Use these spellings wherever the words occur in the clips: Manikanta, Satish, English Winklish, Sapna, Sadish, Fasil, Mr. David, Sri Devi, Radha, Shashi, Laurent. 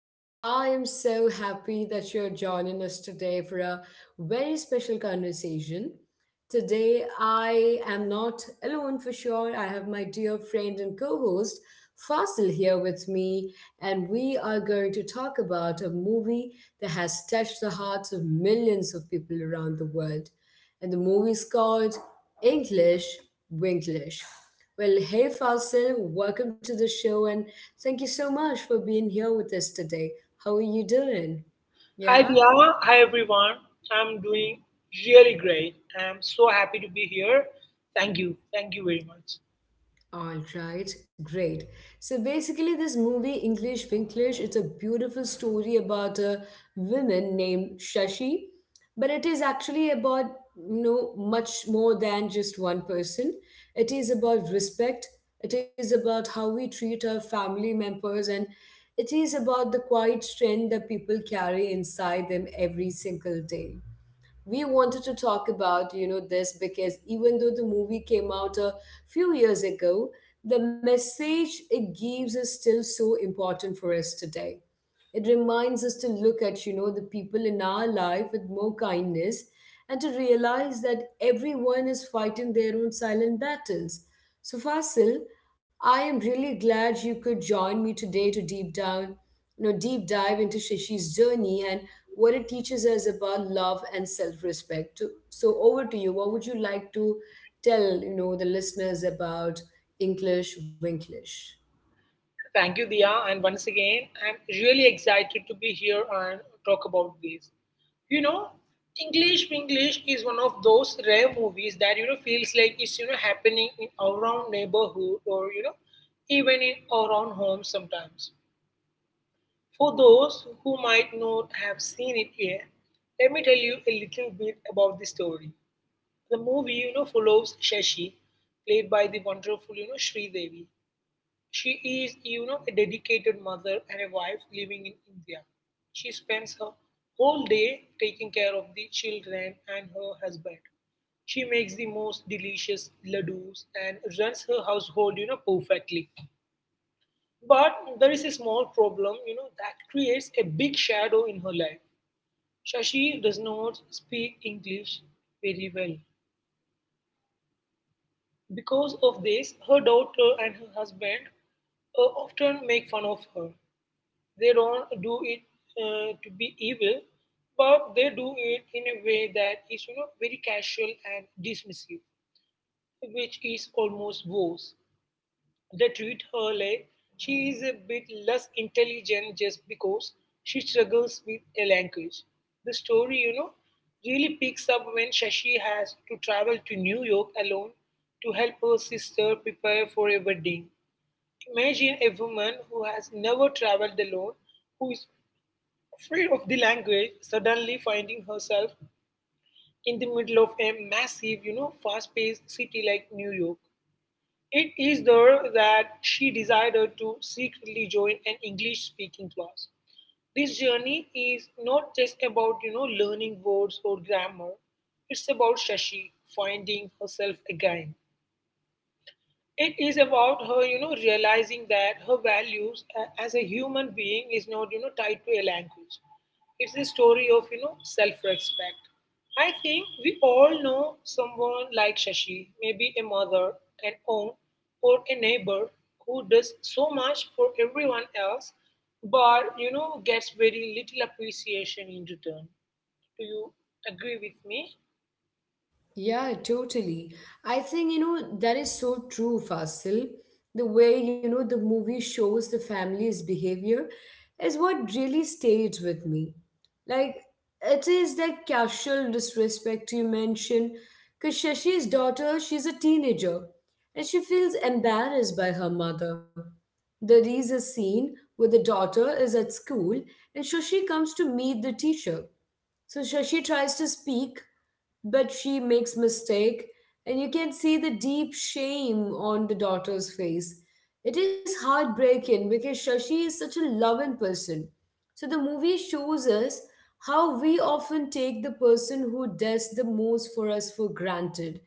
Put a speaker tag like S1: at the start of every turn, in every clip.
S1: Well, I am so happy that you're joining us today for a very special conversation. Today, I am not alone for sure. I have my dear friend and co host Fasil here with me, and we are going to talk about a movie that has touched the hearts of millions of people around the world and the movie is called English Winklish. Well, hey Fasil, welcome to the show and thank you so much for being here with us today. How are you doing?
S2: Hi
S1: Yeah?
S2: Dia, hi everyone. I'm doing really great. I'm so happy to be here. Thank you. Thank you very much.
S1: All right, great. So basically, this movie, English Winklish, it's a beautiful story about a woman named Shashi, but it is actually about much more than just one person. It is about respect. It is about how we treat our family members, and it is about the quiet strength that people carry inside them every single day. We wanted to talk about this because even though the movie came out a few years ago, the message it gives is still so important for us today. It reminds us to look at, the people in our life with more kindness and to realize that everyone is fighting their own silent battles. So, Fasil, I am really glad you could join me today to deep down, you know, deep dive into Shishi's journey and what it teaches us about love and self-respect. So, over to you. What would you like to tell, the listeners about English Winklish?
S2: Thank you, Dia. And once again, I'm really excited to be here and talk about this. You know, English English is one of those rare movies that you know feels like it's happening in our own neighborhood or even in our own home sometimes. For those who might not have seen it yet, let me tell you a little bit about the story. The movie, you know, follows Shashi, played by the wonderful, you know, Sri Devi. She is, you know, a dedicated mother and a wife living in India. She spends her whole day taking care of the children and her husband. She makes the most delicious ladoos and runs her household, you know, perfectly. But there is a small problem, you know, that creates a big shadow in her life. Shashi does not speak English very well. Because of this, her daughter and her husband often make fun of her. They don't do it to be evil, but they do it in a way that is, you know, very casual and dismissive, which is almost worse. They treat her like she is a bit less intelligent just because she struggles with a language. The story, you know, really picks up when Shashi has to travel to New York alone to help her sister prepare for a wedding. Imagine a woman who has never traveled alone, who is afraid of the language, suddenly finding herself in the middle of a massive, you know, fast paced city like New York. It is there that she decided to secretly join an English speaking class. This journey is not just about, you know, learning words or grammar. It's about Shashi finding herself again. It is about her, you know, realizing that her values as a human being is not, you know, tied to a language. It's a story of, you know, self-respect. I think we all know someone like Shashi, maybe a mother, an aunt, or a neighbor who does so much for everyone else, but you know, gets very little appreciation in return. Do you agree with me?
S1: Yeah, totally. I think, that is so true, Fasil. The way, the movie shows the family's behavior is what really stayed with me. Like, it is that casual disrespect you mentioned, because Shashi's daughter, she's a teenager, and she feels embarrassed by her mother. There is a scene where the daughter is at school and Shashi comes to meet the teacher. So Shashi tries to speak, but she makes mistake, and you can see the deep shame on the daughter's face. It is heartbreaking because Shashi is such a loving person. So the movie shows us how we often take the person who does the most for us for granted.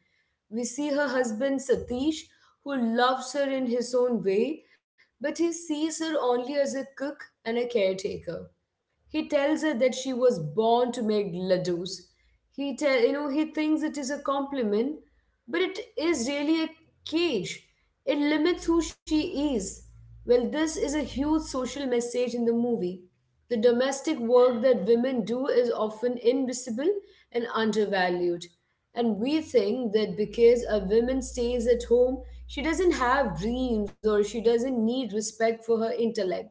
S1: We see her husband Satish, who loves her in his own way, but he sees her only as a cook and a caretaker. He tells her that she was born to make ladoos. He tell you know he thinks it is a compliment, but it is really a cage. It limits who she is. Well, this is a huge social message in the movie. The domestic work that women do is often invisible and undervalued. And we think that because a woman stays at home, she doesn't have dreams or she doesn't need respect for her intellect.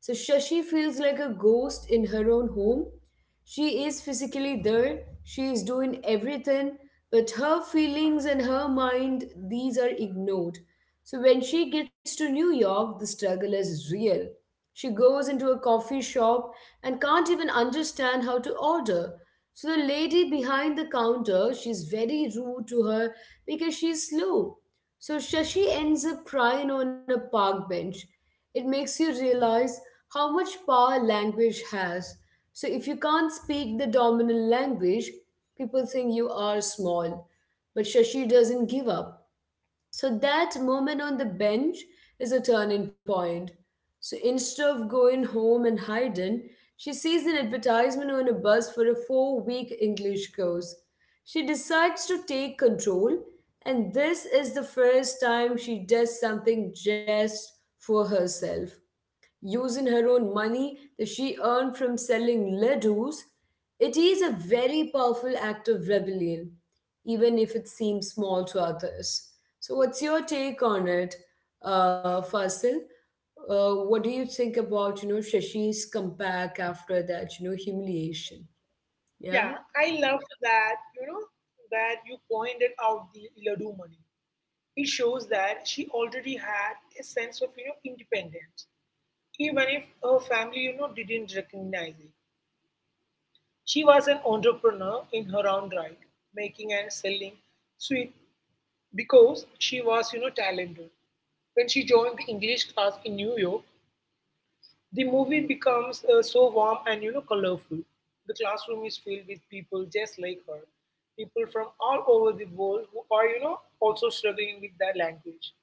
S1: So Shashi feels like a ghost in her own home. She is physically there, she is doing everything, but her feelings and her mind, these are ignored. So when she gets to New York, the struggle is real. She goes into a coffee shop and can't even understand how to order. So the lady behind the counter, she's very rude to her because she's slow. So Shashi ends up crying on a park bench. It makes you realize how much power language has. So if you can't speak the dominant language, people think you are small. But Shashi doesn't give up. So that moment on the bench is a turning point. So instead of going home and hiding, she sees an advertisement on a bus for a 4-week English course. She decides to take control, and this is the first time she does something just for herself using her own money that she earned from selling ladoos. It is a very powerful act of rebellion, even if it seems small to others. So, what's your take on it, Fasil? What do you think about Shashi's comeback after that humiliation?
S2: Yeah,
S1: Yeah,
S2: I love that, you know, that you pointed out the Ladu money. It shows that she already had a sense of, you know, independence, even if her family, you know, didn't recognize it. She was an entrepreneur in her own right, making and selling sweet because she was, you know, talented. When she joined the English class in New York, the movie becomes so warm and you know colorful. The classroom is filled with people just like her, people from all over the world who are you know also struggling with their language.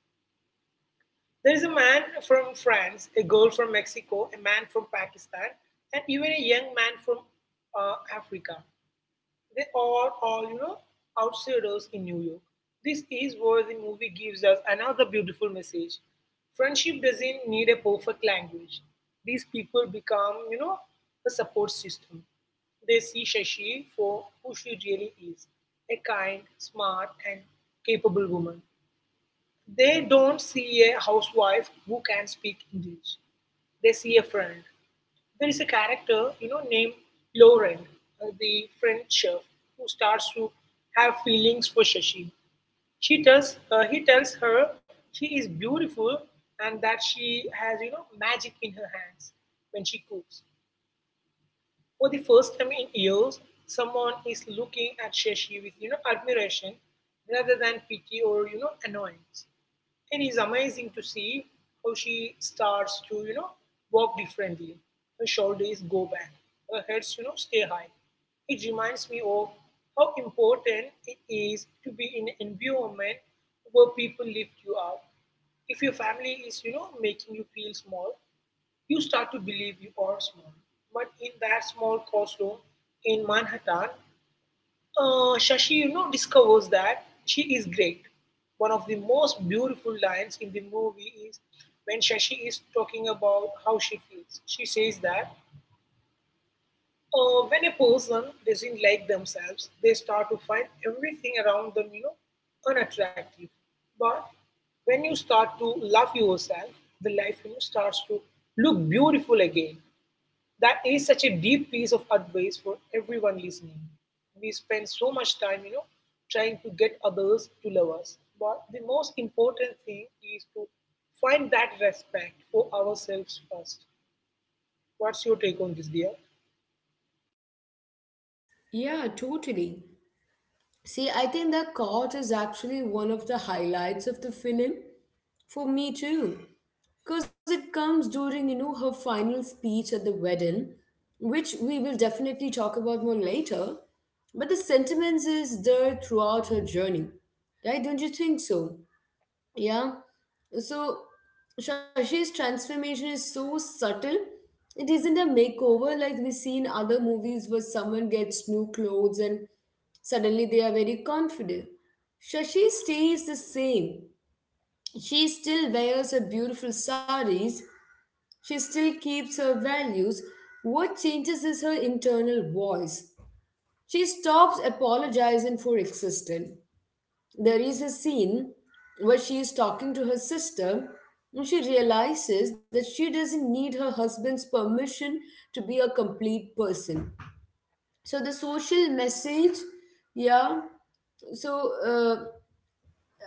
S2: There is a man from France, a girl from Mexico, a man from Pakistan, and even a young man from Africa. They are all, you know, outsiders in New York. This is where the movie gives us another beautiful message. Friendship doesn't need a perfect language. These people become, you know, a support system. They see Shashi for who she really is a kind, smart, and capable woman. They don't see a housewife who can speak English. They see a friend. There is a character, you know, named Laurent, the French chef, who starts to have feelings for Shashi. He tells her she is beautiful and that she has, you know, magic in her hands when she cooks. For the first time in years, someone is looking at Shashi with you know admiration rather than pity or you know annoyance. It is amazing to see how she starts to you know walk differently. Her shoulders go back, her heads you know stay high. It reminds me of how important it is to be in an environment where people lift you up. If your family is you know making you feel small, you start to believe you are small. But in that small courtroom in Manhattan, Shashi you know, discovers that she is great. One of the most beautiful lines in the movie is when Shashi is talking about how she feels. She says that when a person doesn't like themselves, they start to find everything around them, you know, unattractive. But when you start to love yourself, the life you know, starts to look beautiful again that is such a deep piece of advice for everyone listening. We spend so much time, you know, trying to get others to love us. But the most important thing is to find that respect for ourselves first. What's your take on this, dear?
S1: yeah, totally. See, I think the court is actually one of the highlights of the film for me too, because it comes during her final speech at the wedding, which we will definitely talk about more later, but the sentiments is there throughout her journey, right? Don't you think so? Yeah. So Shashi's transformation is so subtle. It isn't a makeover like we see in other movies where someone gets new clothes and suddenly they are very confident. Shashi stays the same. She still wears her beautiful saris. She still keeps her values. What changes is her internal voice. She stops apologizing for existing. There is a scene where she is talking to her sister and she realizes that she doesn't need her husband's permission to be a complete person. So the social message, yeah, so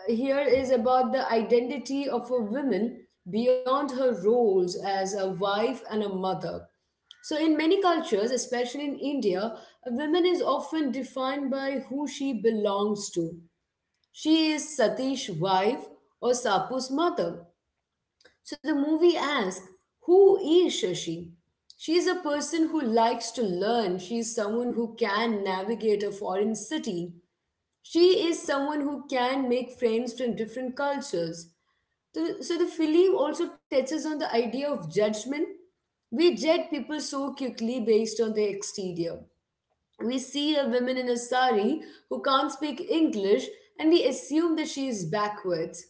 S1: here is about the identity of a woman beyond her roles as a wife and a mother. So, in many cultures, especially in India, a woman is often defined by who she belongs to. She is Satish's wife or Sapu's mother. So, the movie asks, who is Shashi? She is a person who likes to learn. She is someone who can navigate a foreign city. She is someone who can make friends from different cultures. So the film also touches on the idea of judgment. We judge people so quickly based on their exterior. We see a woman in a sari who can't speak English and we assume that she is backwards.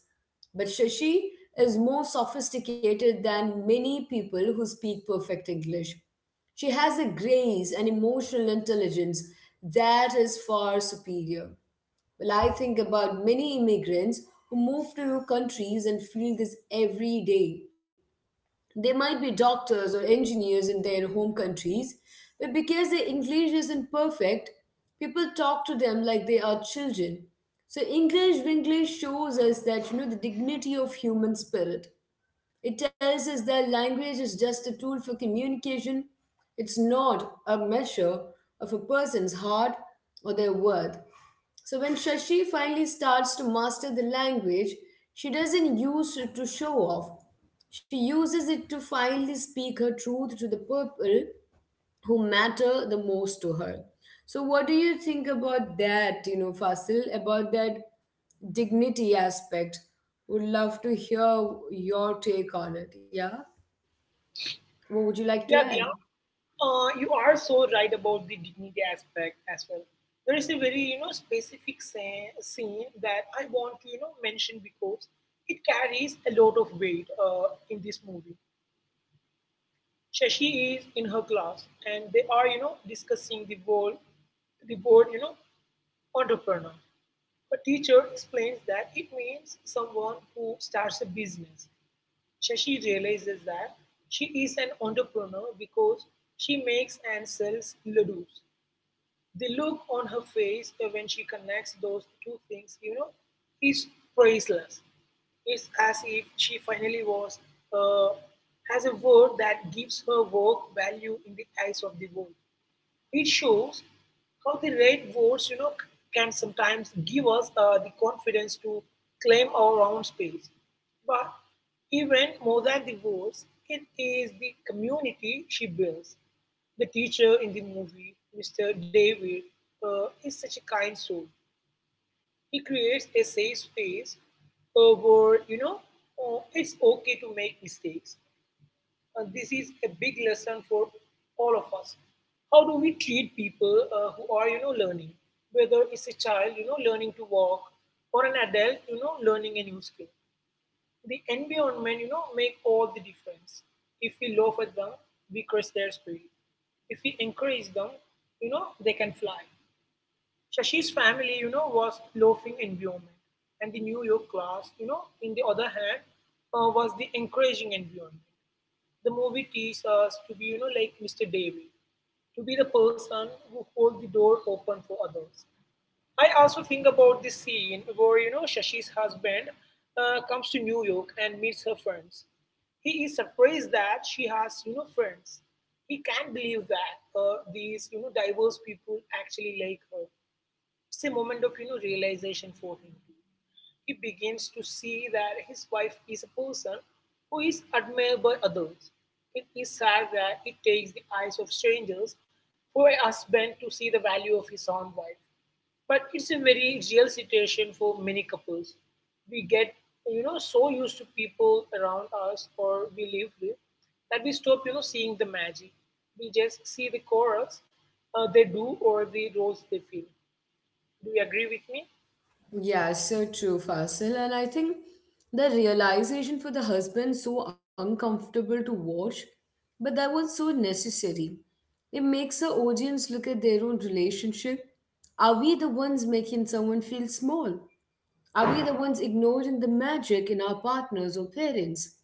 S1: But Shashi is more sophisticated than many people who speak perfect English. She has a grace and emotional intelligence that is far superior. Well, I think about many immigrants who move to new countries and feel this every day. They might be doctors or engineers in their home countries, but because their English isn't perfect, people talk to them like they are children. So English English shows us that the dignity of human spirit. It tells us that language is just a tool for communication. It's not a measure of a person's heart or their worth. So when Shashi finally starts to master the language, she doesn't use it to show off. She uses it to finally speak her truth to the people who matter the most to her. So what do you think about that, Fasil, about that dignity aspect? Would love to hear your take on it. Yeah? What would you
S2: Yeah,
S1: like to
S2: dear.
S1: add?
S2: You are so right about the dignity aspect as well. There is a very, you know, specific scene that I want to, you know, mention because it carries a lot of weight in this movie. Shashi is in her class and they are, you know, discussing the word, you know, entrepreneur. A teacher explains that it means someone who starts a business. Shashi realizes that she is an entrepreneur because she makes and sells ladoos. The look on her face when she connects those two things, you know, is priceless. It's as if she finally was uh, has a word that gives her work value in the eyes of the world. It shows how the right words, you know, can sometimes give us the confidence to claim our own space. But even more than the words, it is the community she builds. The teacher in the movie, Mr. David, is such a kind soul. He creates a safe space where, you know, it's okay to make mistakes. This is a big lesson for all of us. How do we treat people who are, you know, learning? Whether it's a child, you know, learning to walk, or an adult, you know, learning a new skill. The environment, you know, make all the difference. If we laugh at them, we curse their spirit. If we encourage them, you know, they can fly. Shashi's family, you know, was loafing environment, and the New York class, you know, in the other hand, was the encouraging environment. The movie teaches us to be, you know, like Mr. Davy, to be the person who holds the door open for others. I also think about this scene where, you know, Shashi's husband comes to New York and meets her friends. He is surprised that she has, you know, friends. He can't believe that these, you know, diverse people actually like her. It's a moment of you know realization for him too. He begins to see that his wife is a person who is admired by others. It is sad that it takes the eyes of strangers for a husband to see the value of his own wife. But it's a very real situation for many couples. We get you know so used to people around us or we live with that we stop you know seeing the magic. We just see the chorus they do or the roles they fill. Do you agree with me?
S1: Yeah, so true, Fasil. And I think the realization for the husband so uncomfortable to watch, but that was so necessary. It makes the audience look at their own relationship. Are we the ones making someone feel small? Are we the ones ignoring the magic in our partners or parents?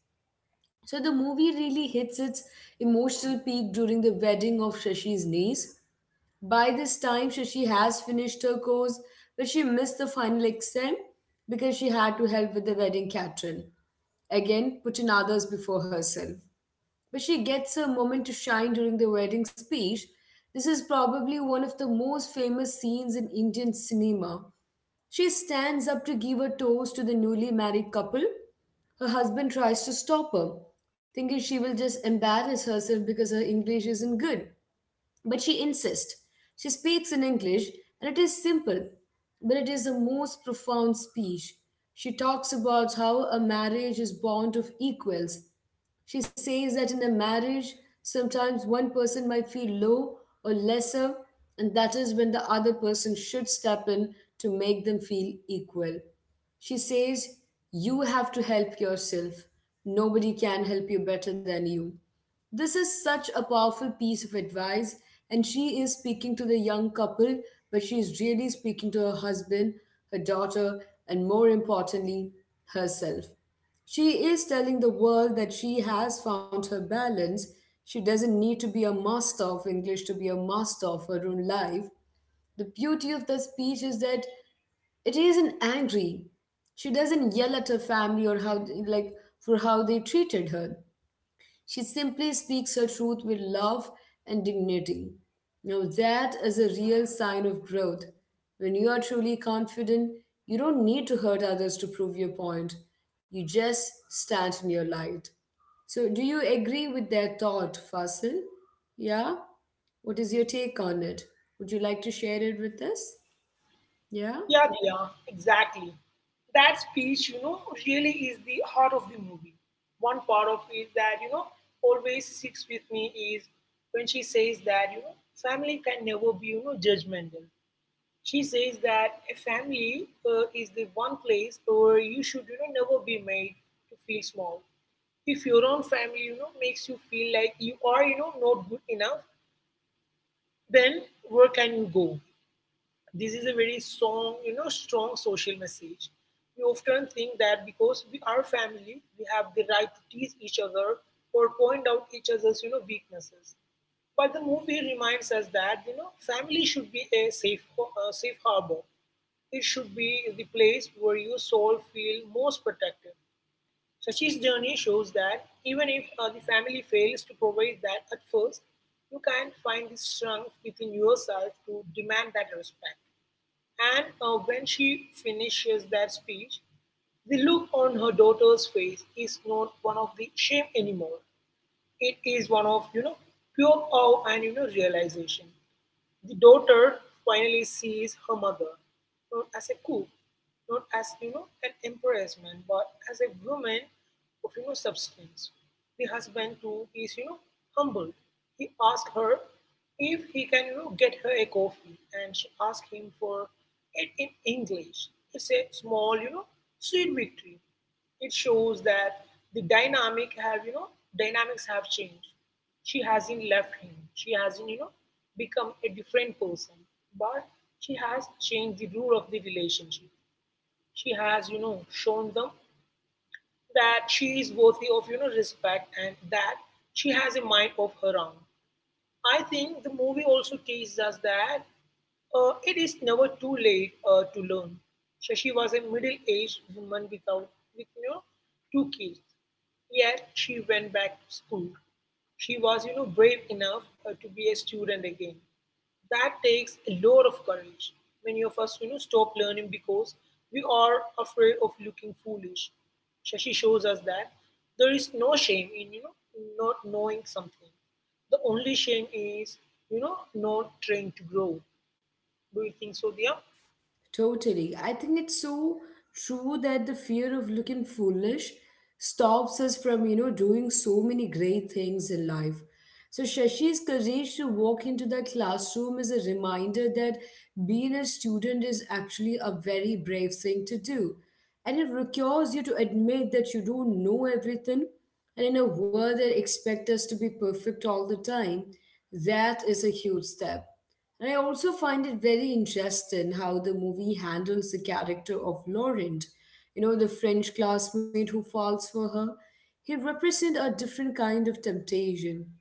S1: So the movie really hits its emotional peak during the wedding of Shashi's niece. By this time, Shashi has finished her course, but she missed the final exam because she had to help with the wedding catering. Again, putting others before herself. But she gets her moment to shine during the wedding speech. This is probably one of the most famous scenes in Indian cinema. She stands up to give a toast to the newly married couple. Her husband tries to stop her, thinking she will just embarrass herself because her English isn't good. But she insists. She speaks in English, and it is simple, but it is the most profound speech. She talks about how a marriage is bond of equals. She says that in a marriage, sometimes one person might feel low or lesser, and that is when the other person should step in to make them feel equal. She says, "You have to help yourself. Nobody can help you better than you." This is such a powerful piece of advice, and she is speaking to the young couple, but she is really speaking to her husband, her daughter, and more importantly, herself. She is telling the world that she has found her balance. She doesn't need to be a master of English to be a master of her own life. The beauty of the speech is that it isn't angry. She doesn't yell at her family or how like for how they treated her. She simply speaks her truth with love and dignity. Now, that is a real sign of growth. When you are truly confident, you don't need to hurt others to prove your point. You just stand in your light. So, do you agree with their thought, Fasil? Yeah? What is your take on it? Would you like to share it with us? Yeah?
S2: Yeah, Diya, exactly. That speech, you know, really is the heart of the movie. One part of it that, you know, always sticks with me is when she says that, you know, family can never be, you know, judgmental. She says that a family is the one place where you should, you know, never be made to feel small. If your own family, you know, makes you feel like you are, you know, not good enough, then where can you go? This is a very strong social message. We often think that because we are family, we have the right to tease each other or point out each other's, you know, weaknesses. But the movie reminds us that you know family should be a safe harbor. It should be the place where your soul feel most protected. Sachi's journey shows that even if the family fails to provide that at first, you can find the strength within yourself to demand that respect. And when she finishes that speech, the look on her daughter's face is not one of the shame anymore. It is one of you know pure awe and you know realization. The daughter finally sees her mother, not as a coup, not as you know an embarrassment, but as a woman of you know substance. The husband too is you know humble. He asks her if he can you know get her a coffee, and she asks him for it in English. It's a small you know sweet victory. It shows that the dynamics have changed she hasn't left him. She hasn't, you know, become a different person. But she has changed the rule of the relationship. She has, shown them that she is worthy of, respect, and that she has a mind of her own. I think the movie also teaches us that it is never too late to learn. Shashi was a middle-aged woman without, with two kids. Yet she went back to school. She was, brave enough to be a student again. That takes a lot of courage. Many of us, stop learning because we are afraid of looking foolish. Shashi shows us that there is no shame in, not knowing something. The only shame is not trying to grow. Do you think so, Dia?
S1: Totally. I think it's so true that the fear of looking foolish stops us from, doing so many great things in life. So Shashi's courage to walk into that classroom is a reminder that being a student is actually a very brave thing to do. And it requires you to admit that you don't know everything. And in a world that expects us to be perfect all the time, that is a huge step. And I also find it very interesting how the movie handles the character of Laurent, the French classmate who falls for her. He represents a different kind of temptation.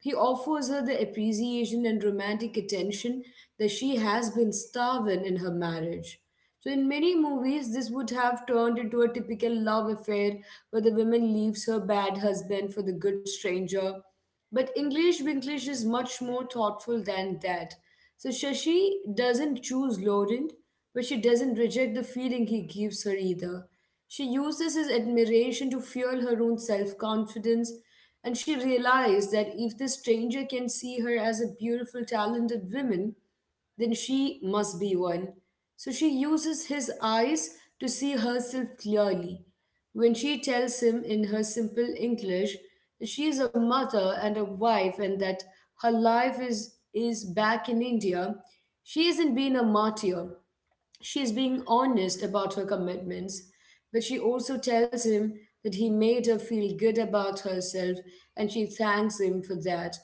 S1: He offers her the appreciation and romantic attention that she has been starving in her marriage. So in many movies, this would have turned into a typical love affair where the woman leaves her bad husband for the good stranger. But English Winglish is much more thoughtful than that. So Shashi doesn't choose Laurent, but she doesn't reject the feeling he gives her either. She uses his admiration to fuel her own self confidence, and she realized that if this stranger can see her as a beautiful, talented woman, then she must be one. So she uses his eyes to see herself clearly. When she tells him in her simple English that she is a mother and a wife and that her life is back in India, she isn't being a martyr. She is being honest about her commitments, but she also tells him that he made her feel good about herself and she thanks him for that.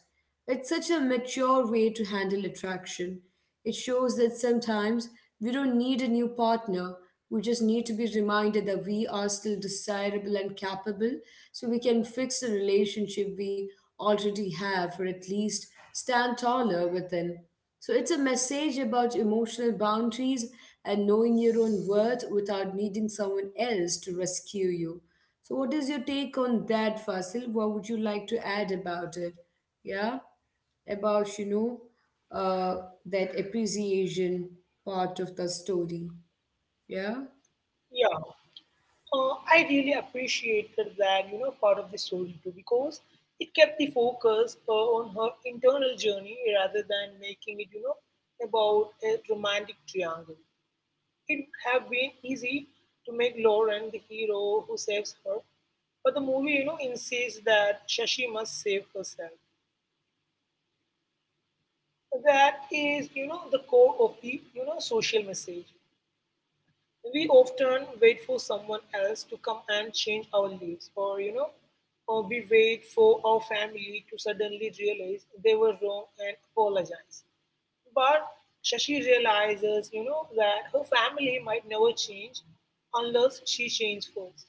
S1: It's such a mature way to handle attraction. It shows that sometimes we don't need a new partner, we just need to be reminded that we are still desirable and capable so we can fix the relationship we already have or at least stand taller within. So it's a message about emotional boundaries and knowing your own worth without needing someone else to rescue you. So what is your take on that, Fasil? What would you like to add about it? Yeah, about uh, that appreciation part of the story. Yeah.
S2: Yeah. I really appreciated that, part of the story too, because it kept the focus on her internal journey rather than making it about a romantic triangle. It would have been easy to make Lauren the hero who saves her, but the movie, insists that Shashi must save herself. That is, the core of the social message. We often wait for someone else to come and change our lives, or or we wait for our family to suddenly realize they were wrong and apologize. But Shashi realizes that her family might never change unless she changed first.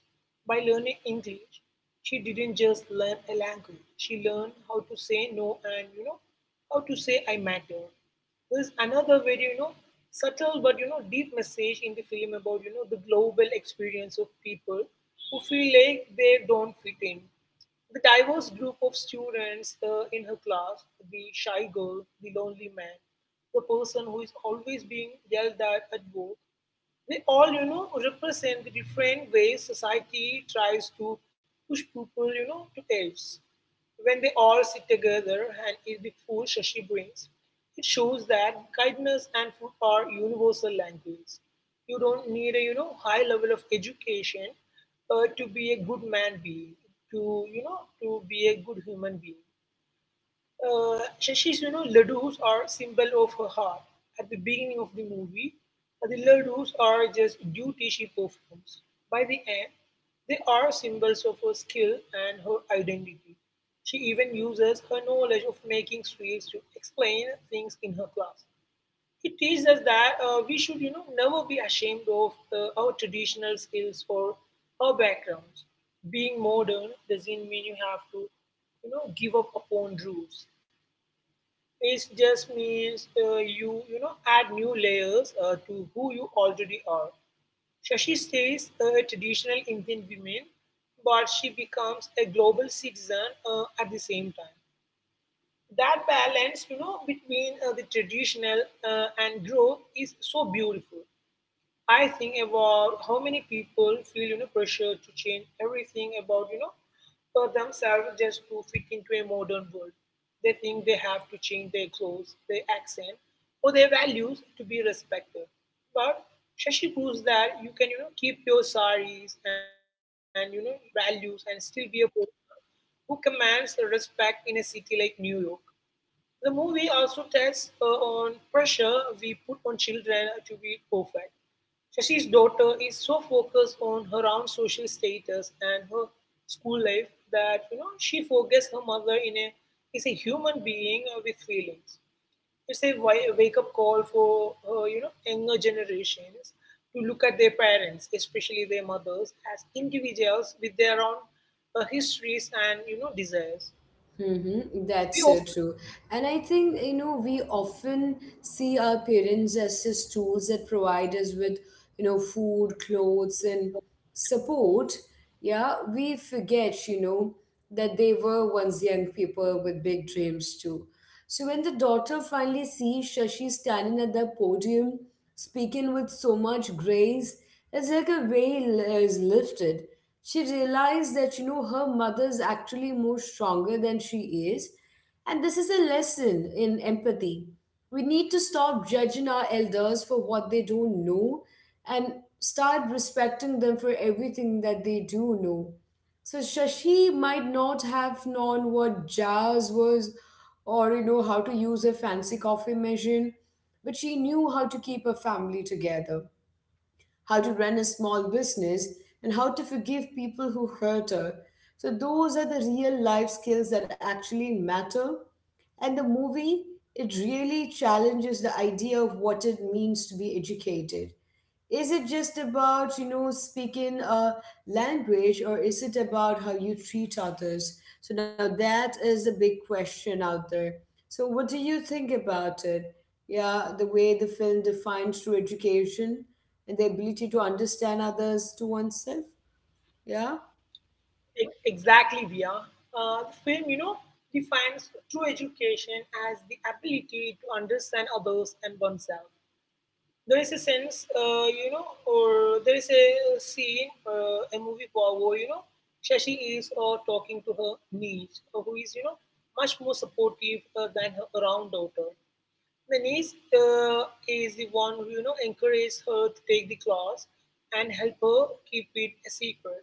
S2: By learning English, she didn't just learn a language; she learned how to say no, and how to say I matter. There's another very, subtle but deep message in the film about the global experience of people who feel like they don't fit in. The diverse group of students in her class, the shy girl, the lonely man, the person who is always being yelled at work, they all represent the different ways society tries to push people to edge. When they all sit together and eat the food Shashi brings, it shows that kindness and food are universal language. You don't need a high level of education to be a to to be a good human being. Shashi's, ladoos are symbol of her heart. At the beginning of the movie, the ladoos are just duty she performs. By the end, they are symbols of her skill and her identity. She even uses her knowledge of making sweets to explain things in her class. It teaches us that we should, never be ashamed of our traditional skills or our backgrounds. Being modern doesn't mean you have to give up upon rules. It just means you you know add new layers to who you already are. Shashi stays a traditional Indian woman, but she becomes a global citizen at the same time. That balance, between the traditional and growth is so beautiful. I think about how many people feel pressure to change everything about for themselves just to fit into a modern world. They think they have to change their clothes, their accent, or their values to be respected. But Shashi proves that you can keep your saris and values and still be a person who commands the respect in a city like New York. The movie also tests on pressure we put on children to be perfect. Shashi's daughter is so focused on her own social status and her school life that she forgets her mother in a is a human being with feelings. It's a wake up call for younger generations to look at their parents, especially their mothers, as individuals with their own histories and desires.
S1: Mm-hmm.
S2: We
S1: That's so
S2: often
S1: true. And I think, we often see our parents as just tools that provide us with, food, clothes, and support. Yeah, we forget, that they were once young people with big dreams too. So when the daughter finally sees Shashi standing at the podium speaking with so much grace, it's like a veil is lifted. She realized that, her mother's actually more stronger than she is. And this is a lesson in empathy. We need to stop judging our elders for what they don't know and start respecting them for everything that they do know. So Shashi might not have known what jars was or you know how to use a fancy coffee machine, but she knew how to keep a family together, how to run a small business, and how to forgive people who hurt her. So, those are the real life skills that actually matter. And the movie, it really challenges the idea of what it means to be educated. Is it just about, you know, speaking a language, or is it about how you treat others? So now that is a big question out there. So what do you think about it? Yeah, the way the film defines true education and the ability to understand others to oneself. Yeah.
S2: Exactly, Via. The film, defines true education as the ability to understand others and oneself. There is a sense, or there is a scene, a movie where, Shashi is talking to her niece, who is, much more supportive than her around daughter. The niece is the one who encourages her to take the class and help her keep it a secret.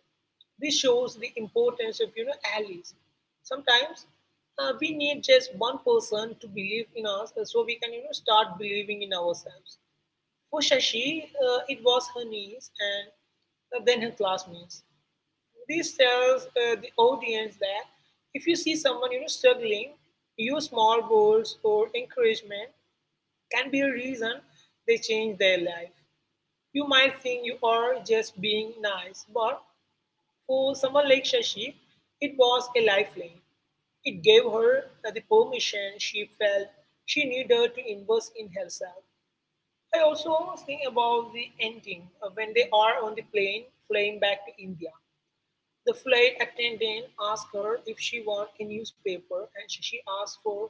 S2: This shows the importance of allies. Sometimes we need just one person to believe in us, so we can start believing in ourselves. For Shashi, it was her niece and then her classmates. This tells the audience that if you see someone struggling, use small goals or encouragement can be a reason they change their life. You might think you are just being nice, but for someone like Shashi, it was a lifeline. It gave her the permission she felt she needed to invest in herself. I also think about the ending when they are on the plane flying back to India. The flight attendant asked her if she want a newspaper, and she asked for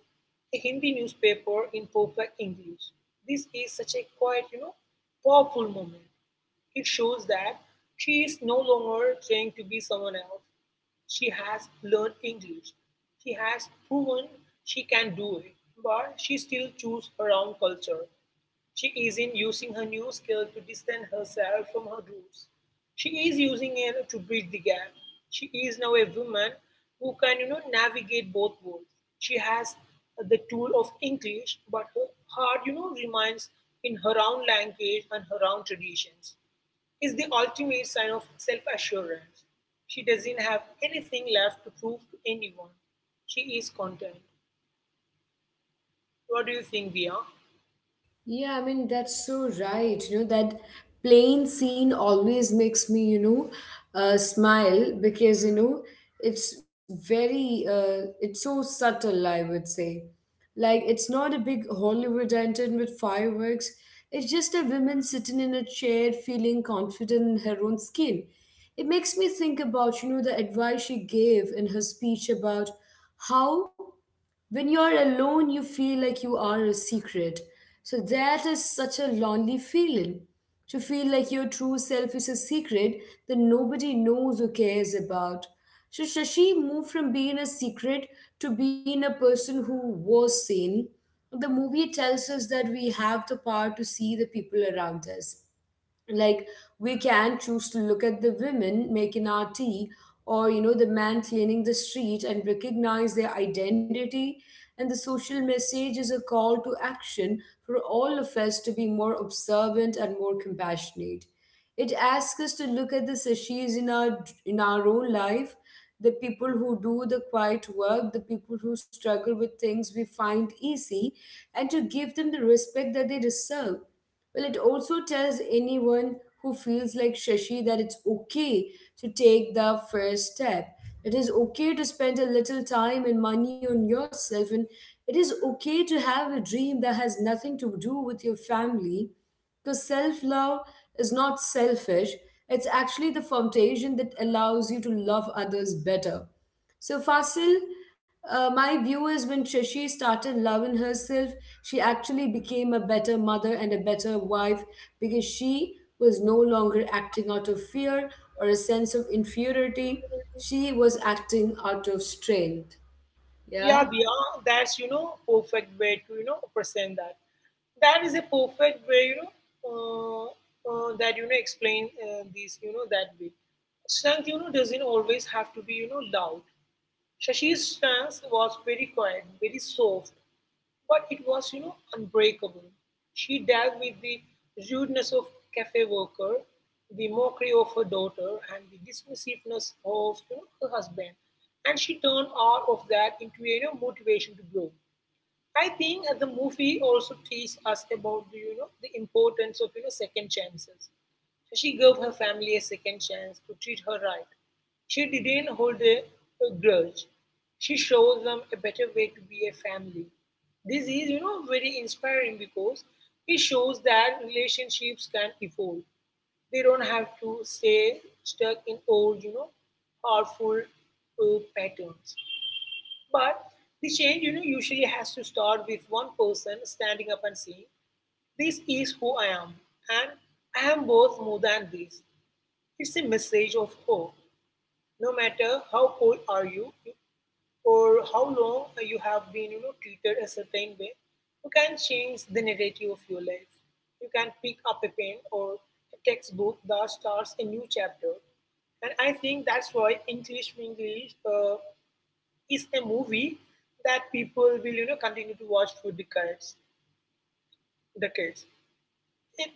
S2: a Hindi newspaper in perfect English. This is such a quite, powerful moment. It shows that she is no longer trying to be someone else. She has learned English. She has proven she can do it, but she still chooses her own culture. She is in using her new skill to distance herself from her roots. She is using it to bridge the gap. She is now a woman who can, navigate both worlds. She has the tool of English, but her heart, remains in her own language and her own traditions. Is the ultimate sign of self-assurance. She doesn't have anything left to prove to anyone. She is content. What do you think, Via?
S1: Yeah, I mean, that's so right. You know, that plain scene always makes me, smile because, it's very, it's so subtle, I would say. Like, it's not a big Hollywood lantern with fireworks. It's just a woman sitting in a chair feeling confident in her own skin. It makes me think about, you know, the advice she gave in her speech about how when you're alone you feel like you are a secret. So that is such a lonely feeling, to feel like your true self is a secret that nobody knows or cares about. So Shashi moved from being a secret to being a person who was seen. The movie tells us that we have the power to see the people around us. Like, we can choose to look at the women making our tea, or you know the man cleaning the street, and recognize their identity. And the social message is a call to action for all of us to be more observant and more compassionate. It asks us to look at the Sachis in our own life, the people who do the quiet work, the people who struggle with things we find easy, and to give them the respect that they deserve. Well, it also tells anyone who feels like Shashi that it's okay to take the first step. It is okay to spend a little time and money on yourself, and it is okay to have a dream that has nothing to do with your family. Because self love is not selfish, it's actually the foundation that allows you to love others better. So, Fasil, my view is when Trishi started loving herself, she actually became a better mother and a better wife because she was no longer acting out of fear or a sense of inferiority. She was acting out of strength. Yeah.
S2: Yeah, Diya, that's perfect way to present that. That is a perfect way uh, that explain this that way. Strength doesn't always have to be loud. Shashi's stance was very quiet, very soft, but it was, unbreakable. She dealt with the rudeness of cafe worker, the mockery of her daughter, and the dismissiveness of her husband, and she turned all of that into a motivation to grow. I think the movie also teaches us about the importance of second chances. She gave her family a second chance to treat her right. She didn't hold a grudge. She showed them a better way to be a family. This is very inspiring because it shows that relationships can evolve. They don't have to stay stuck in old harmful patterns. But the change, usually has to start with one person standing up and saying, "This is who I am, and I am both more than this." It's a message of hope. No matter how old are you or how long you have been, treated a certain way, you can change the narrative of your life. You can pick up a pen or a textbook that starts a new chapter. And I think that's why English English is a movie that people will continue to watch for decades decades. It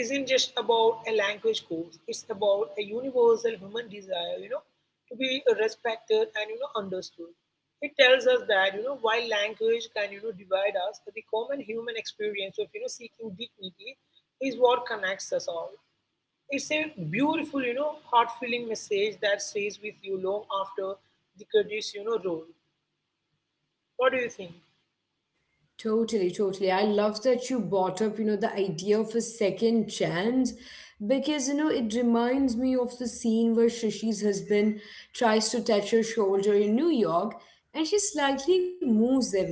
S2: isn't just about a language course; it's about a universal human desire to be respected and understood. It tells us that while language can divide us, the common human experience of seeking dignity is what connects us all. It's a beautiful heart-filling message that stays with you long after the credits roll. What do you think?
S1: Totally, totally. I love that you brought up, you know, the idea of a second chance because, you know, it reminds me of the scene where Shashi's husband tries to touch her shoulder in New York and she slightly moves away.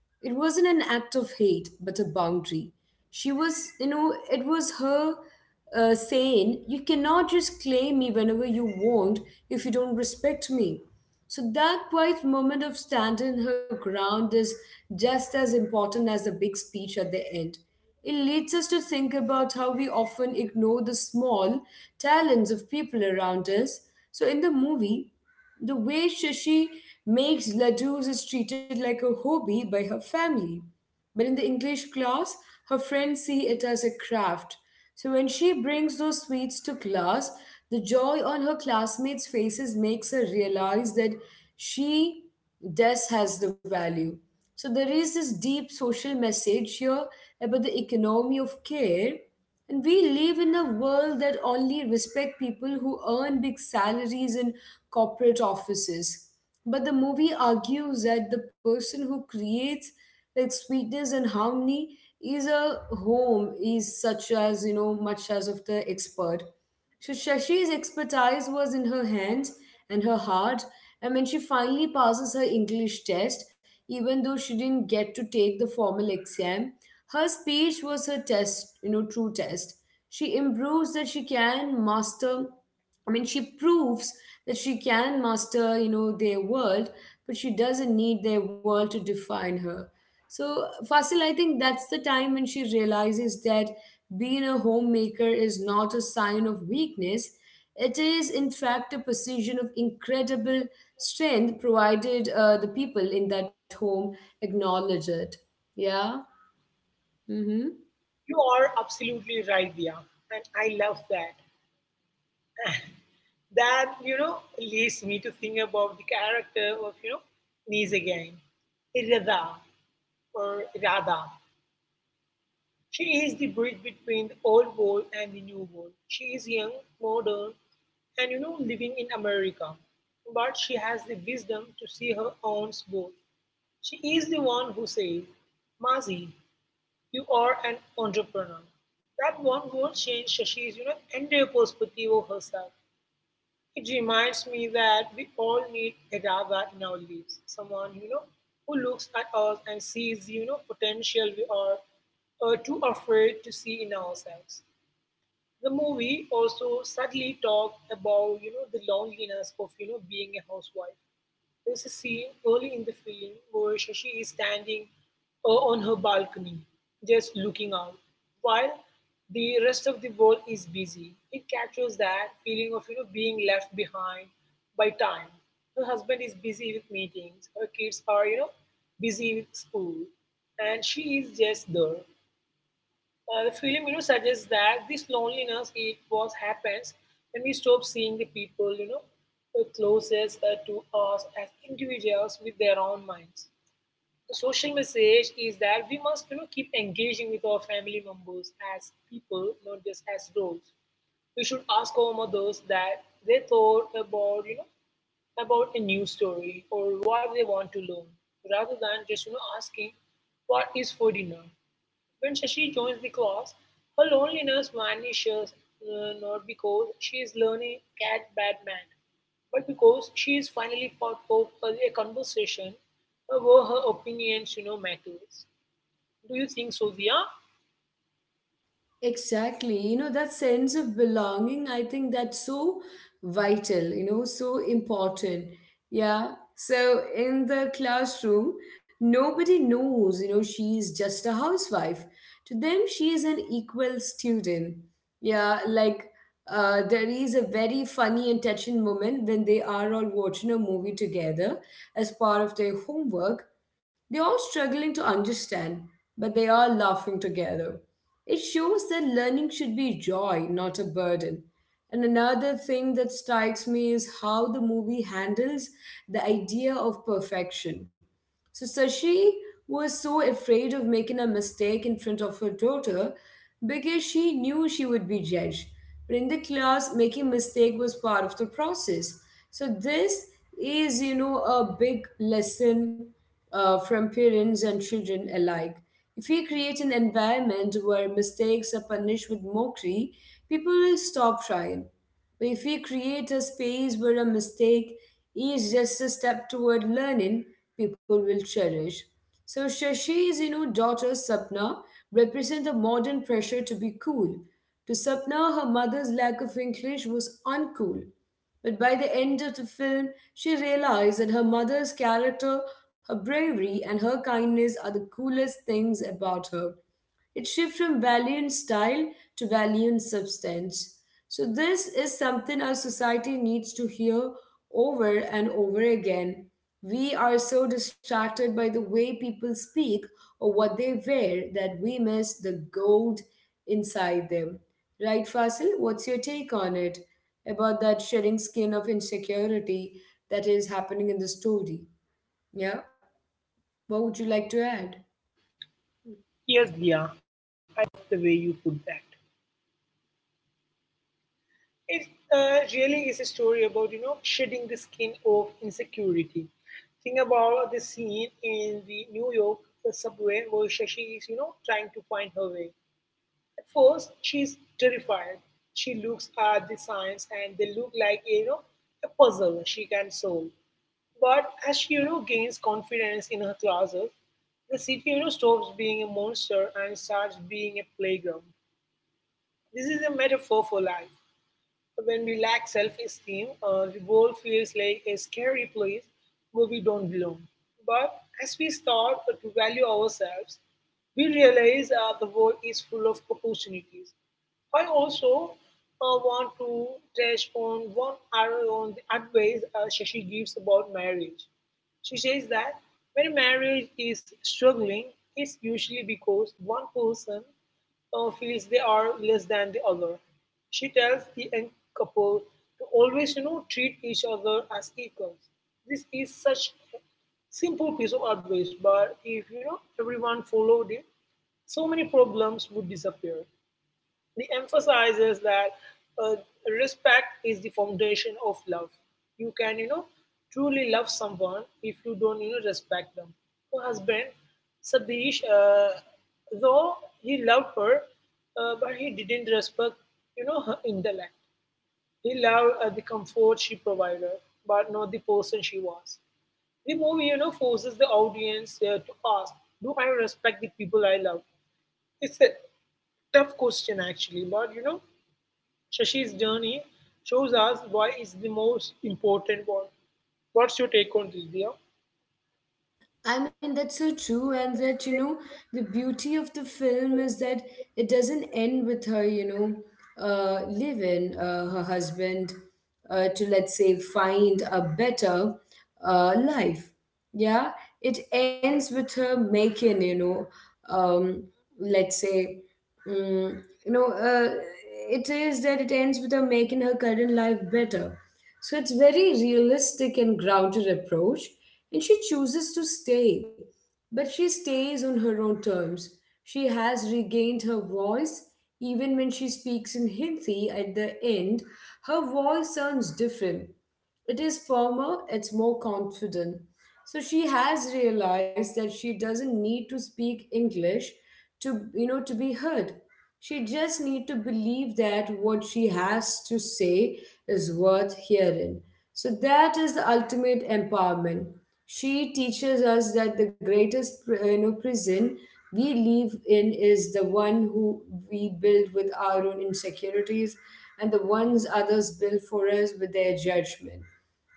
S1: It wasn't an act of hate but a boundary. She was you know it was her saying you cannot just claim me whenever you want if you don't respect me. So that quiet moment of standing her ground is just as important as the big speech at the end. It leads us to think about how we often ignore the small talents of people around us. So in the movie, the way Shashi makes ladoos is treated like a hobby by her family. But in the English class, her friends see it as a craft. So when she brings those sweets to class, the joy on her classmates' faces makes her realize that she does has the value. So there is this deep social message here about the economy of care, and we live in a world that only respect people who earn big salaries in corporate offices. But the movie argues that the person who creates like sweetness and harmony is a home is such as you know much as of the expert. So Shashi's expertise was in her hands and her heart, and when she finally passes her English test, even though she didn't get to take the formal exam, her speech was her test, you know, true test. She improves that she can master I mean, she proves that she can master, you know, their world, but she doesn't need their world to define her. So, Fasil, I think that's the time when she realizes that being a homemaker is not a sign of weakness. It is, in fact, a position of incredible strength, provided the people in that home acknowledge it. Yeah. Mm-hmm.
S2: You are absolutely right, Dia, and I love that. That leads me to think about the character of Nice again, Radha or Radha. She is the bridge between the old world and the new world. She is young, modern, and living in America, but she has the wisdom to see her own both. She is the one who says, "Mazi, you are an entrepreneur." That one word changed Shashi's entire perspective of herself. It reminds me that we all need a Radha in our lives, someone who looks at us and sees potential we are too afraid to see in ourselves. The movie also subtly talked about the loneliness of being a housewife. There's a scene early in the film where Shashi is standing on her balcony, just looking out, while the rest of the world is busy. It captures that feeling of being left behind by time. Her husband is busy with meetings. Her kids are busy with school, and she is just there. The film suggests that this loneliness it was happens when we stop seeing the people, closest to us, as individuals with their own minds. The social message is that we must, keep engaging with our family members as people, not just as roles. We should ask our mothers that they thought about, about a new story or what they want to learn, rather than just, asking what is for dinner. When Shashi joins the class, her loneliness vanishes, not because she is learning cat bad man, but because she is finally part of a conversation where her opinions, matters. Do you think so, Dia?
S1: Exactly. You know, that sense of belonging, I think that's so vital, you know, so important. Yeah. So in the classroom, nobody knows, you know, she's just a housewife. To them, she is an equal student. Yeah, like there is a very funny and touching moment when they are all watching a movie together as part of their homework. They're all struggling to understand, but they are laughing together. It shows that learning should be joy, not a burden. And another thing that strikes me is how the movie handles the idea of perfection. So Sashi was so afraid of making a mistake in front of her daughter because she knew she would be judged. But in the class, making mistake was part of the process. So this is, you know, a big lesson from parents and children alike. If we create an environment where mistakes are punished with mockery, people will stop trying. But if we create a space where a mistake is just a step toward learning, people will cherish. So Shashi's, you know, daughter Sapna represent the modern pressure to be cool. To Sapna, her mother's lack of English was uncool. But by the end of the film, she realized that her mother's character, her bravery, and her kindness are the coolest things about her. It shifts from value in style to value in substance. So, this is something our society needs to hear over and over again. We are so distracted by the way people speak or what they wear that we miss the gold inside them. Right, Fasil? What's your take on it about that shedding skin of insecurity that is happening in the story? Yeah? What would you like to add?
S2: Yes, Dia, I love the way you put that. It really is a story about, shedding the skin of insecurity. Think about the scene in the New York subway where Shashi is, trying to find her way. First, she's terrified. She looks at the signs and they look like, a puzzle she can solve. But as she, gains confidence in her classes, the city, stops being a monster and starts being a playground. This is a metaphor for life. When we lack self esteem, the world feels like a scary place where we don't belong. But as we start to value ourselves, we realize the world is full of opportunities. I also want to touch on one arrow on the advice Shashi gives about marriage. She says that when a marriage is struggling, it's usually because one person feels they are less than the other. She tells the young couple to always, treat each other as equals. This is such a simple piece of advice, but if, everyone followed it, so many problems would disappear. He emphasizes that uh, respect is the foundation of love. You can, truly love someone if you don't, respect them. Her husband, Sadish, though he loved her, but he didn't respect, her intellect. He loved the comfort she provided, but not the person she was. The movie, forces the audience to ask, "Do I respect the people I love?" It's a tough question, actually, but, Shashi's journey shows us why it's the most important one. What's your take on this, dear?
S1: I mean, that's so true, and that you know, the beauty of the film is that it doesn't end with her, leaving her husband to, let's say, find a better life. Yeah, it ends with her making, um, let's say, mm, you know, uh, it is that it ends with her making her current life better, so it's very realistic and grounded approach, and she chooses to stay. But she stays on her own terms. She has regained her voice even when she speaks in Hindi at the end. Her voice sounds different. It is firmer, it's more confident. So she has realized that she doesn't need to speak English to you know to be heard. She just need to believe that what she has to say is worth hearing. So that is the ultimate empowerment. She teaches us that the greatest prison we live in is the one who we build with our own insecurities and the ones others build for us with their judgment.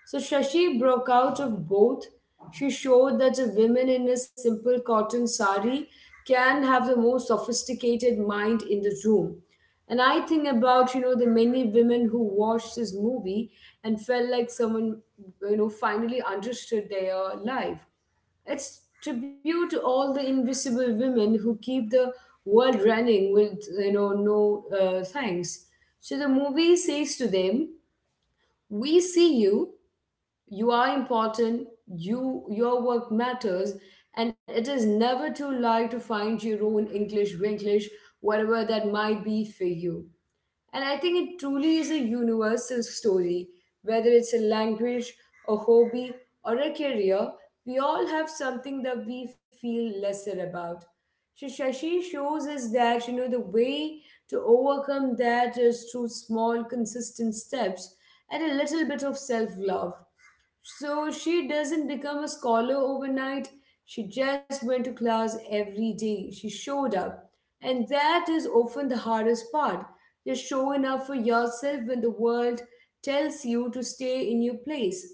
S1: So Shashi broke out of both. She showed that a woman in a simple cotton sari can have the most sophisticated mind in the room. And I think about, the many women who watched this movie and felt like someone, you know, finally understood their life. It's tribute to all the invisible women who keep the world running with, no thanks. So the movie says to them, we see you, you are important, you your work matters, and it is never too late to find your own English Winglish, whatever that might be for you. And I think it truly is a universal story, whether it's a language, a hobby, or a career. We all have something that we feel lesser about. So Shashi shows us that the way to overcome that is through small consistent steps and a little bit of self-love. So she doesn't become a scholar overnight. She just went to class every day. She showed up. And that is often the hardest part. Just showing up for yourself when the world tells you to stay in your place.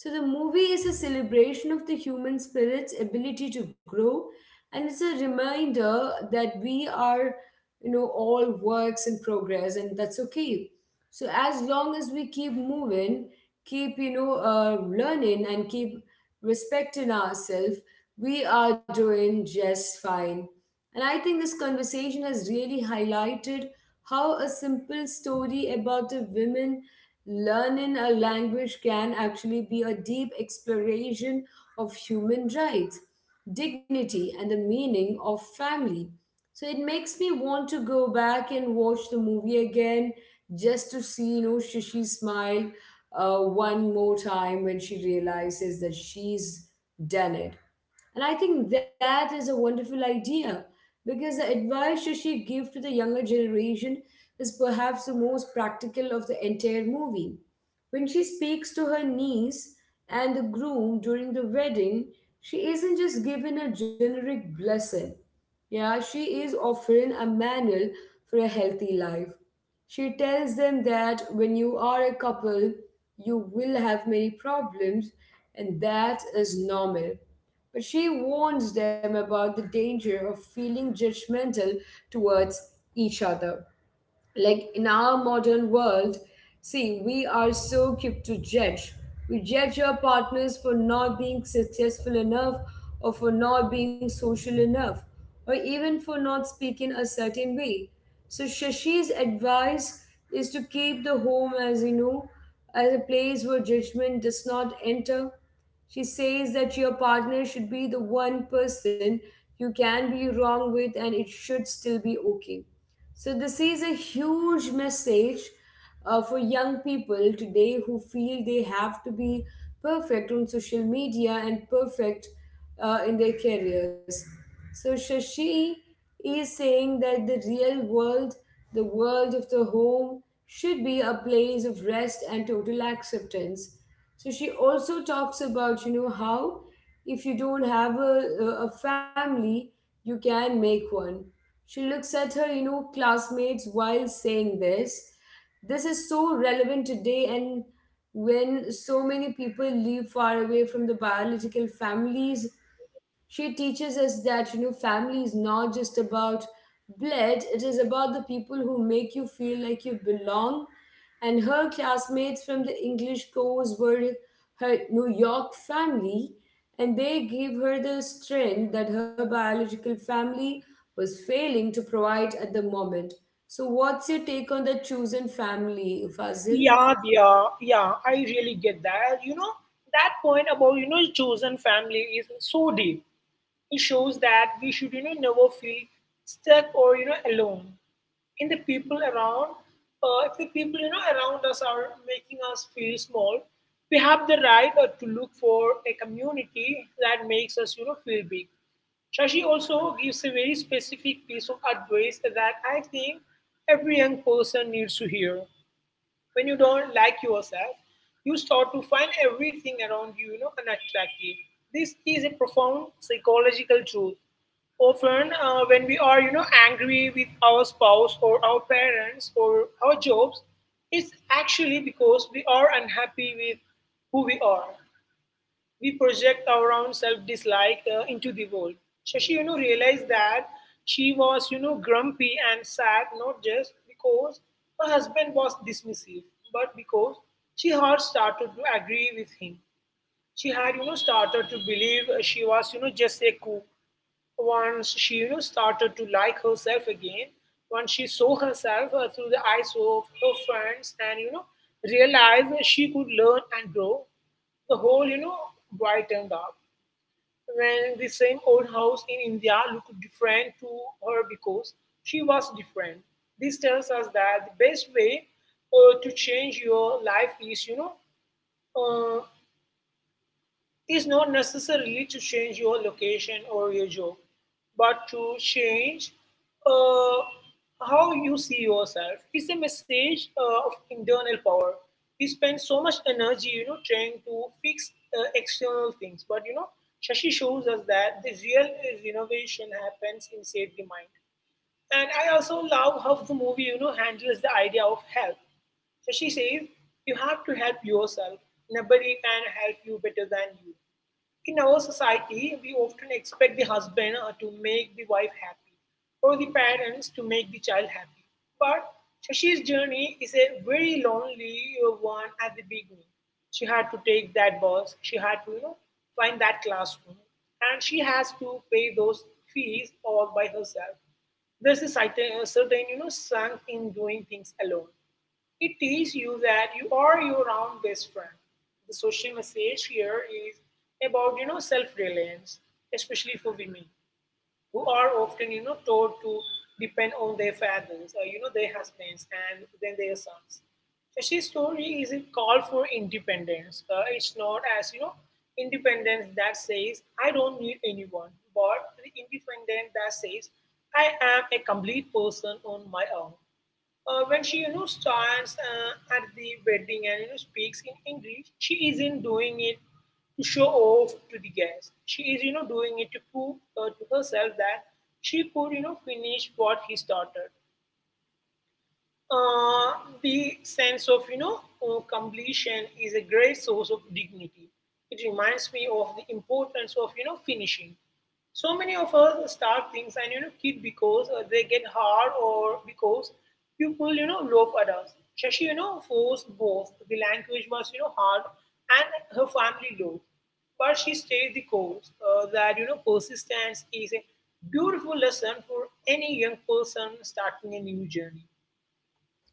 S1: So the movie is a celebration of the human spirit's ability to grow, and it's a reminder that we are, all works in progress, and that's okay. So as long as we keep moving, keep learning, and keep respecting ourselves, we are doing just fine. And I think this conversation has really highlighted how a simple story about a woman learning a language can actually be a deep exploration of human rights, dignity, and the meaning of family. So it makes me want to go back and watch the movie again just to see, Shishi smile one more time when she realizes that she's done it. And I think that is a wonderful idea, because the advice Shashi gave to the younger generation is perhaps the most practical of the entire movie. When she speaks to her niece and the groom during the wedding, she isn't just given a generic blessing. Yeah, she is offering a manual for a healthy life. She tells them that when you are a couple, you will have many problems, and that is normal. But she warns them about the danger of feeling judgmental towards each other. Like, in our modern world, see, we are so quick to judge. We judge our partners for not being successful enough, or for not being social enough, or even for not speaking a certain way. So Shashi's advice is to keep the home as, as a place where judgment does not enter. She says that your partner should be the one person you can be wrong with, and it should still be okay. So this is a huge message for young people today who feel they have to be perfect on social media and perfect in their careers. So, Shashi is saying that the real world, the world of the home, should be a place of rest and total acceptance. So, she also talks about, you know, how if you don't have a, a family, you can make one. She looks at her, classmates while saying this. This is so relevant today, and when so many people live far away from the biological families. She teaches us that, you know, family is not just about blood, it is about the people who make you feel like you belong. And her classmates from the English course were her New York family, and they gave her the strength that her biological family was failing to provide at the moment. So, what's your take on the chosen family, Fazil?
S2: Yeah, yeah, yeah. I really get that. You know, that point about, chosen family is so deep. It shows that we should, never feel stuck or, alone. In the people around, if the people, around us are making us feel small, we have the right to look for a community that makes us, feel big. Shashi also gives a very specific piece of advice that I think every young person needs to hear. When you don't like yourself, you start to find everything around you, unattractive. This is a profound psychological truth. Often, when we are, angry with our spouse or our parents or our jobs, it's actually because we are unhappy with who we are. We project our own self-dislike into the world. Shashi, realized that she was, grumpy and sad, not just because her husband was dismissive, but because she had started to agree with him. She had, started to believe she was, just a cook. Once she, started to like herself again, once she saw herself through the eyes of her friends and, realized that she could learn and grow, the whole, brightened up. When the same old house in India looked different to her because she was different, this tells us that the best way to change your life is, uh, is not necessarily to change your location or your job, but to change uh, how you see yourself. It's a message of internal power. We spend so much energy, trying to fix external things, but, Shashi shows us that the real renovation happens inside the mind. And I also love how the movie, handles the idea of help. So she says, you have to help yourself. Nobody can help you better than you. In our society, we often expect the husband to make the wife happy or the parents to make the child happy. But Shashi's journey is a very lonely one at the beginning. She had to take that bus, she had to, find that classroom, and she has to pay those fees all by herself. There's a certain, strength in doing things alone. It tells you that you are your own best friend. The social message here is about, self-reliance, especially for women who are often, taught to depend on their fathers or, their husbands and then their sons. Shashi's story is a call for independence. It's not as, independence that says I don't need anyone, but the independence that says I am a complete person on my own. When she, stands at the wedding and, speaks in English, she isn't doing it to show off to the guests. She is, doing it to prove to herself that she could, finish what he started. uh, the sense of, completion is a great source of dignity. It reminds me of the importance of, finishing. So many of us start things and, quit because they get hard or because people, laugh at us. Shashi, forced both. The language was, hard and her family low, but she stayed the course. That, persistence is a beautiful lesson for any young person starting a new journey.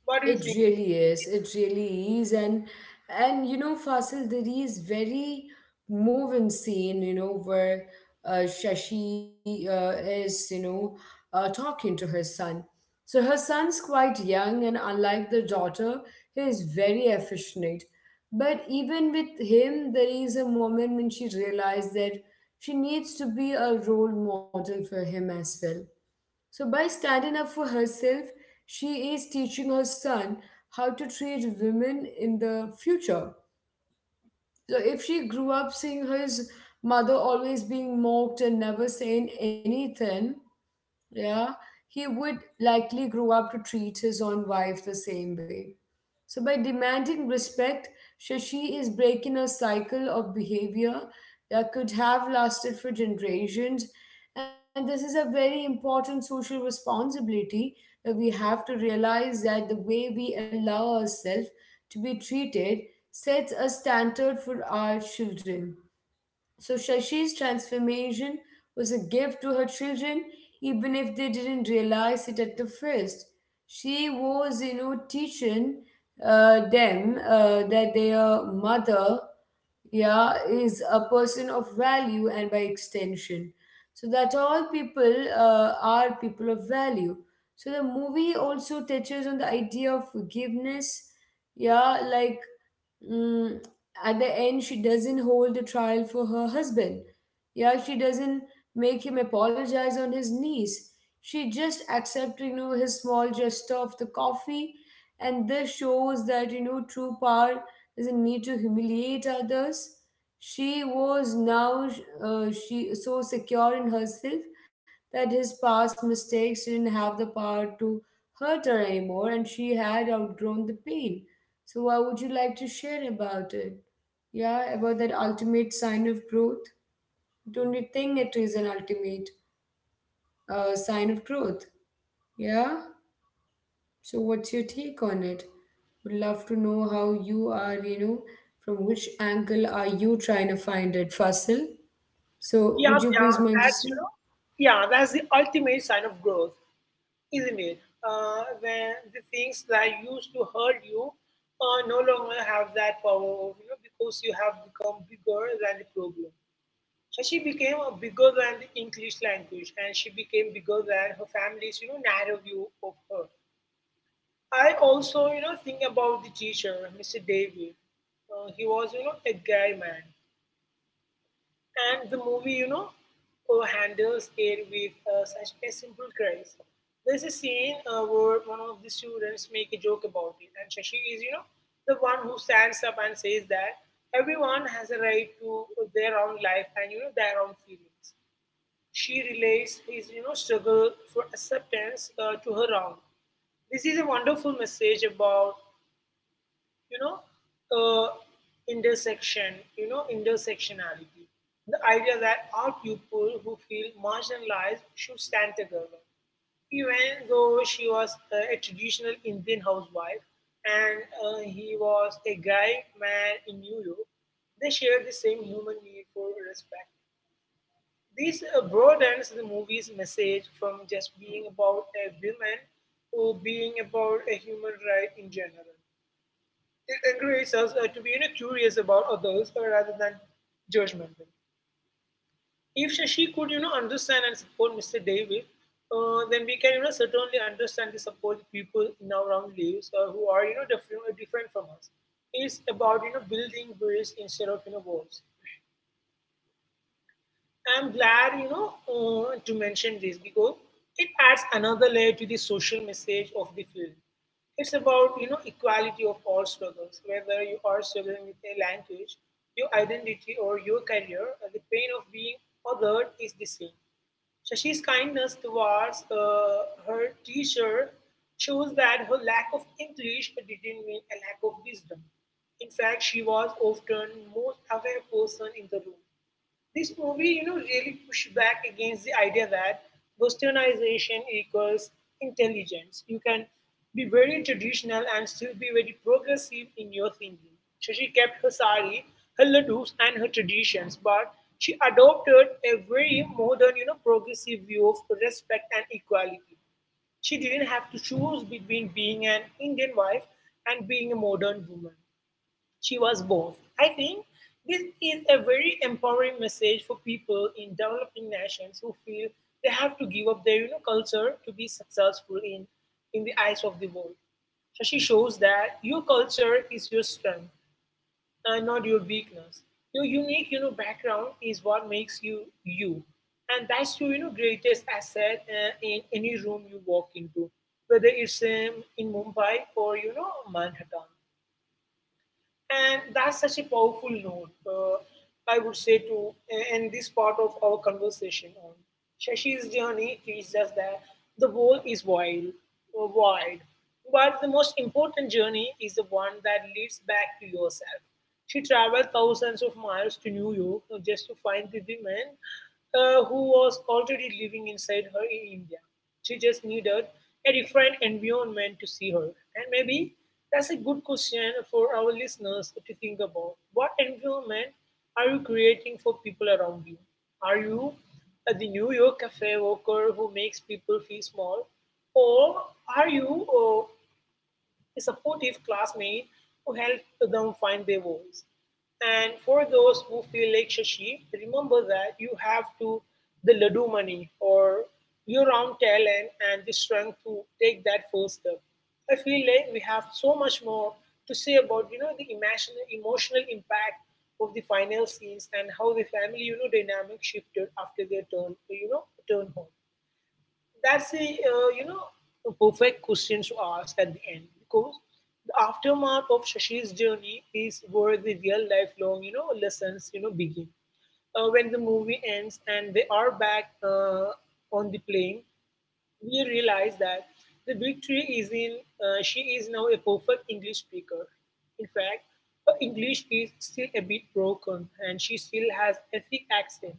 S2: What do you
S1: It
S2: think?
S1: really is. It really is. And you know, Fasil, there is very moving scene, where Shashi is, talking to her son. So her son's quite young, and unlike the daughter, he is very affectionate. But even with him, there is a moment when she realized that she needs to be a role model for him as well. So, by standing up for herself, she is teaching her son how to treat women in the future. So, if she grew up seeing his mother always being mocked and never saying anything, yeah, he would likely grow up to treat his own wife the same way. So, by demanding respect, Shashi is breaking a cycle of behavior that could have lasted for generations. And this is a very important social responsibility, that we have to realize that the way we allow ourselves to be treated sets a standard for our children. So Shashi's transformation was a gift to her children, even if they didn't realize it at the first. She was, teaching them that their mother, yeah, is a person of value, and by extension. So that all people are people of value. So the movie also touches on the idea of forgiveness, yeah, like, mm, at the end, she doesn't hold the trial for her husband. Yeah, she doesn't make him apologize on his knees. She just accepts, you know, his small gesture of the coffee. And this shows that, you know, true power doesn't need to humiliate others. She was now she so secure in herself that his past mistakes didn't have the power to hurt her anymore, and she had outgrown the pain. So, what would you like to share about it? Yeah, about that ultimate sign of growth. Don't you think it is an ultimate sign of growth? Yeah. So, what's your take on it? Would love to know how you are. You know, from which angle are you trying to find it, Fasil? So,
S2: Yeah,
S1: would you
S2: yeah,
S1: please mind
S2: that's,
S1: to say?
S2: that's the ultimate sign of growth, isn't it? When the things that used to hurt you no longer have that power, of, because you have become bigger than the problem. So she became bigger than the English language, and she became bigger than her family's, narrow view of her. I also, think about the teacher, Mr. David. He was, a guy man. And the movie, handles it with such a simple grace. There's a scene where one of the students make a joke about it, and Shashi is, the one who stands up and says that everyone has a right to their own life and, their own feelings. She relates his, struggle for acceptance to her own. This is a wonderful message about you know uh, intersectionality, the idea that all people who feel marginalized should stand together. Even though she was a traditional Indian housewife and he was a guy man in New York, they shared the same human need for respect. This broadens the movie's message from just being about a woman to being about a human right in general. It encourages us to be, curious about others rather than judgmental. If Shashi could, understand and support Mr. David, then we can, certainly understand and support people in our own lives who are, different, different from us. It's about, building bridges instead of, walls. I'm glad, to mention this because it adds another layer to the social message of the film. It's about, equality of all struggles, whether you are struggling with a language, your identity, or your career. The pain of being othered is the same. Shashi's kindness towards her teacher shows that her lack of English didn't mean a lack of wisdom. In fact, she was often most aware person in the room. This movie, really pushed back against the idea that westernization equals intelligence. You can be very traditional and still be very progressive in your thinking. So she kept her sari, her ladoos, and her traditions, but she adopted a very modern, progressive view of respect and equality. She didn't have to choose between being an Indian wife and being a modern woman. She was both. I think this is a very empowering message for people in developing nations who feel they have to give up their, culture to be successful in the eyes of the world. Shashi shows that your culture is your strength and not your weakness. Your unique, background is what makes you you, and that's your, greatest asset in any room you walk into, whether it's in Mumbai or Manhattan. And that's such a powerful note, I would say, to end this part of our conversation on. Shashi's journey teaches us that the world is wide, but the most important journey is the one that leads back to yourself. She traveled thousands of miles to New York just to find the women who was already living inside her in India. She just needed a different environment to see her. And maybe that's a good question for our listeners to think about. What environment are you creating for people around you? Are you the New York cafe worker who makes people feel small? Or are you a supportive classmate who helped them find their voice. And for those who feel like Shashi, remember that you have to the Ladu money or your own talent and the strength to take that first step. I feel like we have so much more to say about the emotional impact of the final scenes and how the family dynamic shifted after their turn home. That's a a perfect question to ask at the end because the aftermath of Shashi's journey is where the real lifelong lessons begin. When the movie ends and they are back on the plane, we realize that the victory is in. She is now a perfect english speaker. In fact, her english is still a bit broken and she still has a thick accent.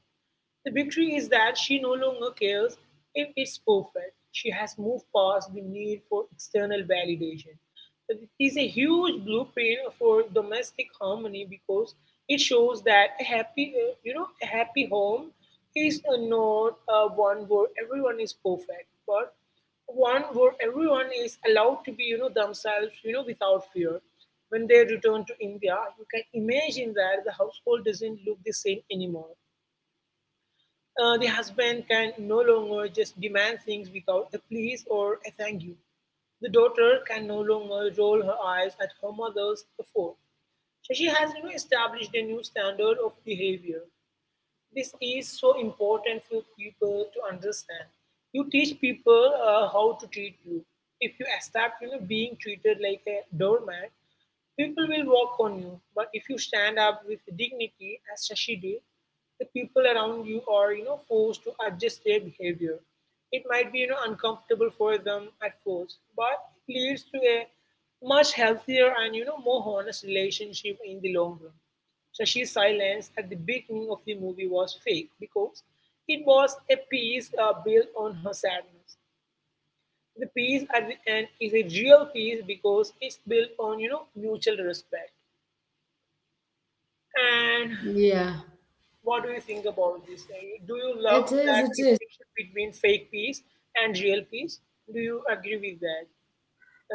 S2: The victory is that she no longer cares if it's perfect. She has moved past the need for external validation. It is a huge blueprint for domestic harmony because it shows that a happy home is not a one where everyone is perfect, but one where everyone is allowed to be, themselves, without fear. When they return to India, you can imagine that the household doesn't look the same anymore. The husband can no longer just demand things without a please or a thank you. The daughter can no longer roll her eyes at her mother's effort. Shashi has established a new standard of behavior. This is so important for people to understand. You teach people how to treat you. If you start, being treated like a doormat, people will walk on you. But if you stand up with dignity, as Shashi did, the people around you are, forced to adjust their behavior. It might be, uncomfortable for them at first, but it leads to a much healthier and, more honest relationship in the long run. Shashi's silence at the beginning of the movie was fake because it was a piece built on her sadness. The piece at the end is a real piece because it's built on mutual respect. And
S1: Yeah,
S2: what do you think about this? Do you
S1: it
S2: love
S1: is.
S2: that
S1: It is.
S2: distinction between fake peace and real peace? Do you agree with that?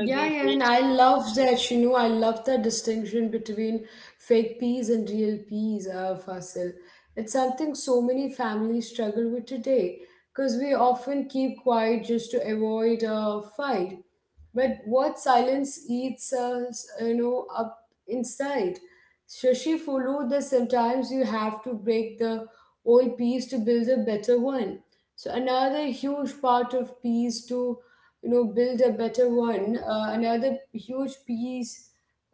S2: The
S1: yeah, I mean,
S2: fake
S1: I love that. You know, I love the distinction between fake peas and real peas, Fasil. It's something so many families struggle with today, because we often keep quiet just to avoid a fight. But what silence eats us, you know, up inside. Shashi followed that sometimes you have to break the old piece to build a better one. So another huge part of peace to, you know, build a better one. Another huge piece,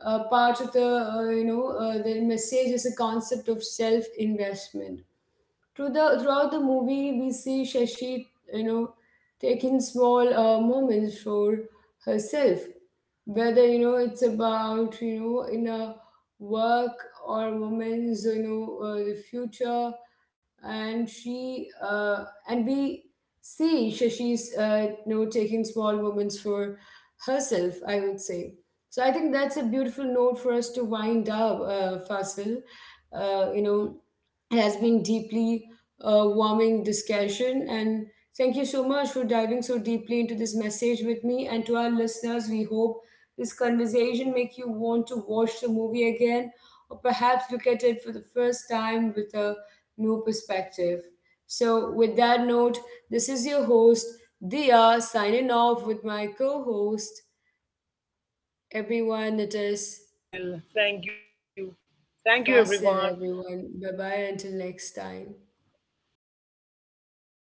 S1: part of the, you know, the message is a concept of self-investment through the, throughout the movie, we see Shashi, you know, taking small moments for herself, whether it's about in a work or women's the future, and she and we see Shashi's, taking small moments for herself. I would say. So I think that's a beautiful note for us to wind up, Fasil. You know, it has been deeply warming discussion, and thank you so much for diving so deeply into this message with me. And to our listeners, we hope this conversation make you want to watch the movie again, or perhaps look at it for the first time with a new perspective. So with that note, this is your host Dia signing off with my co-host. Everyone, it is
S2: I will. Thank you. Thank you,
S1: Fasil.
S2: everyone.
S1: Everyone, bye bye until next time.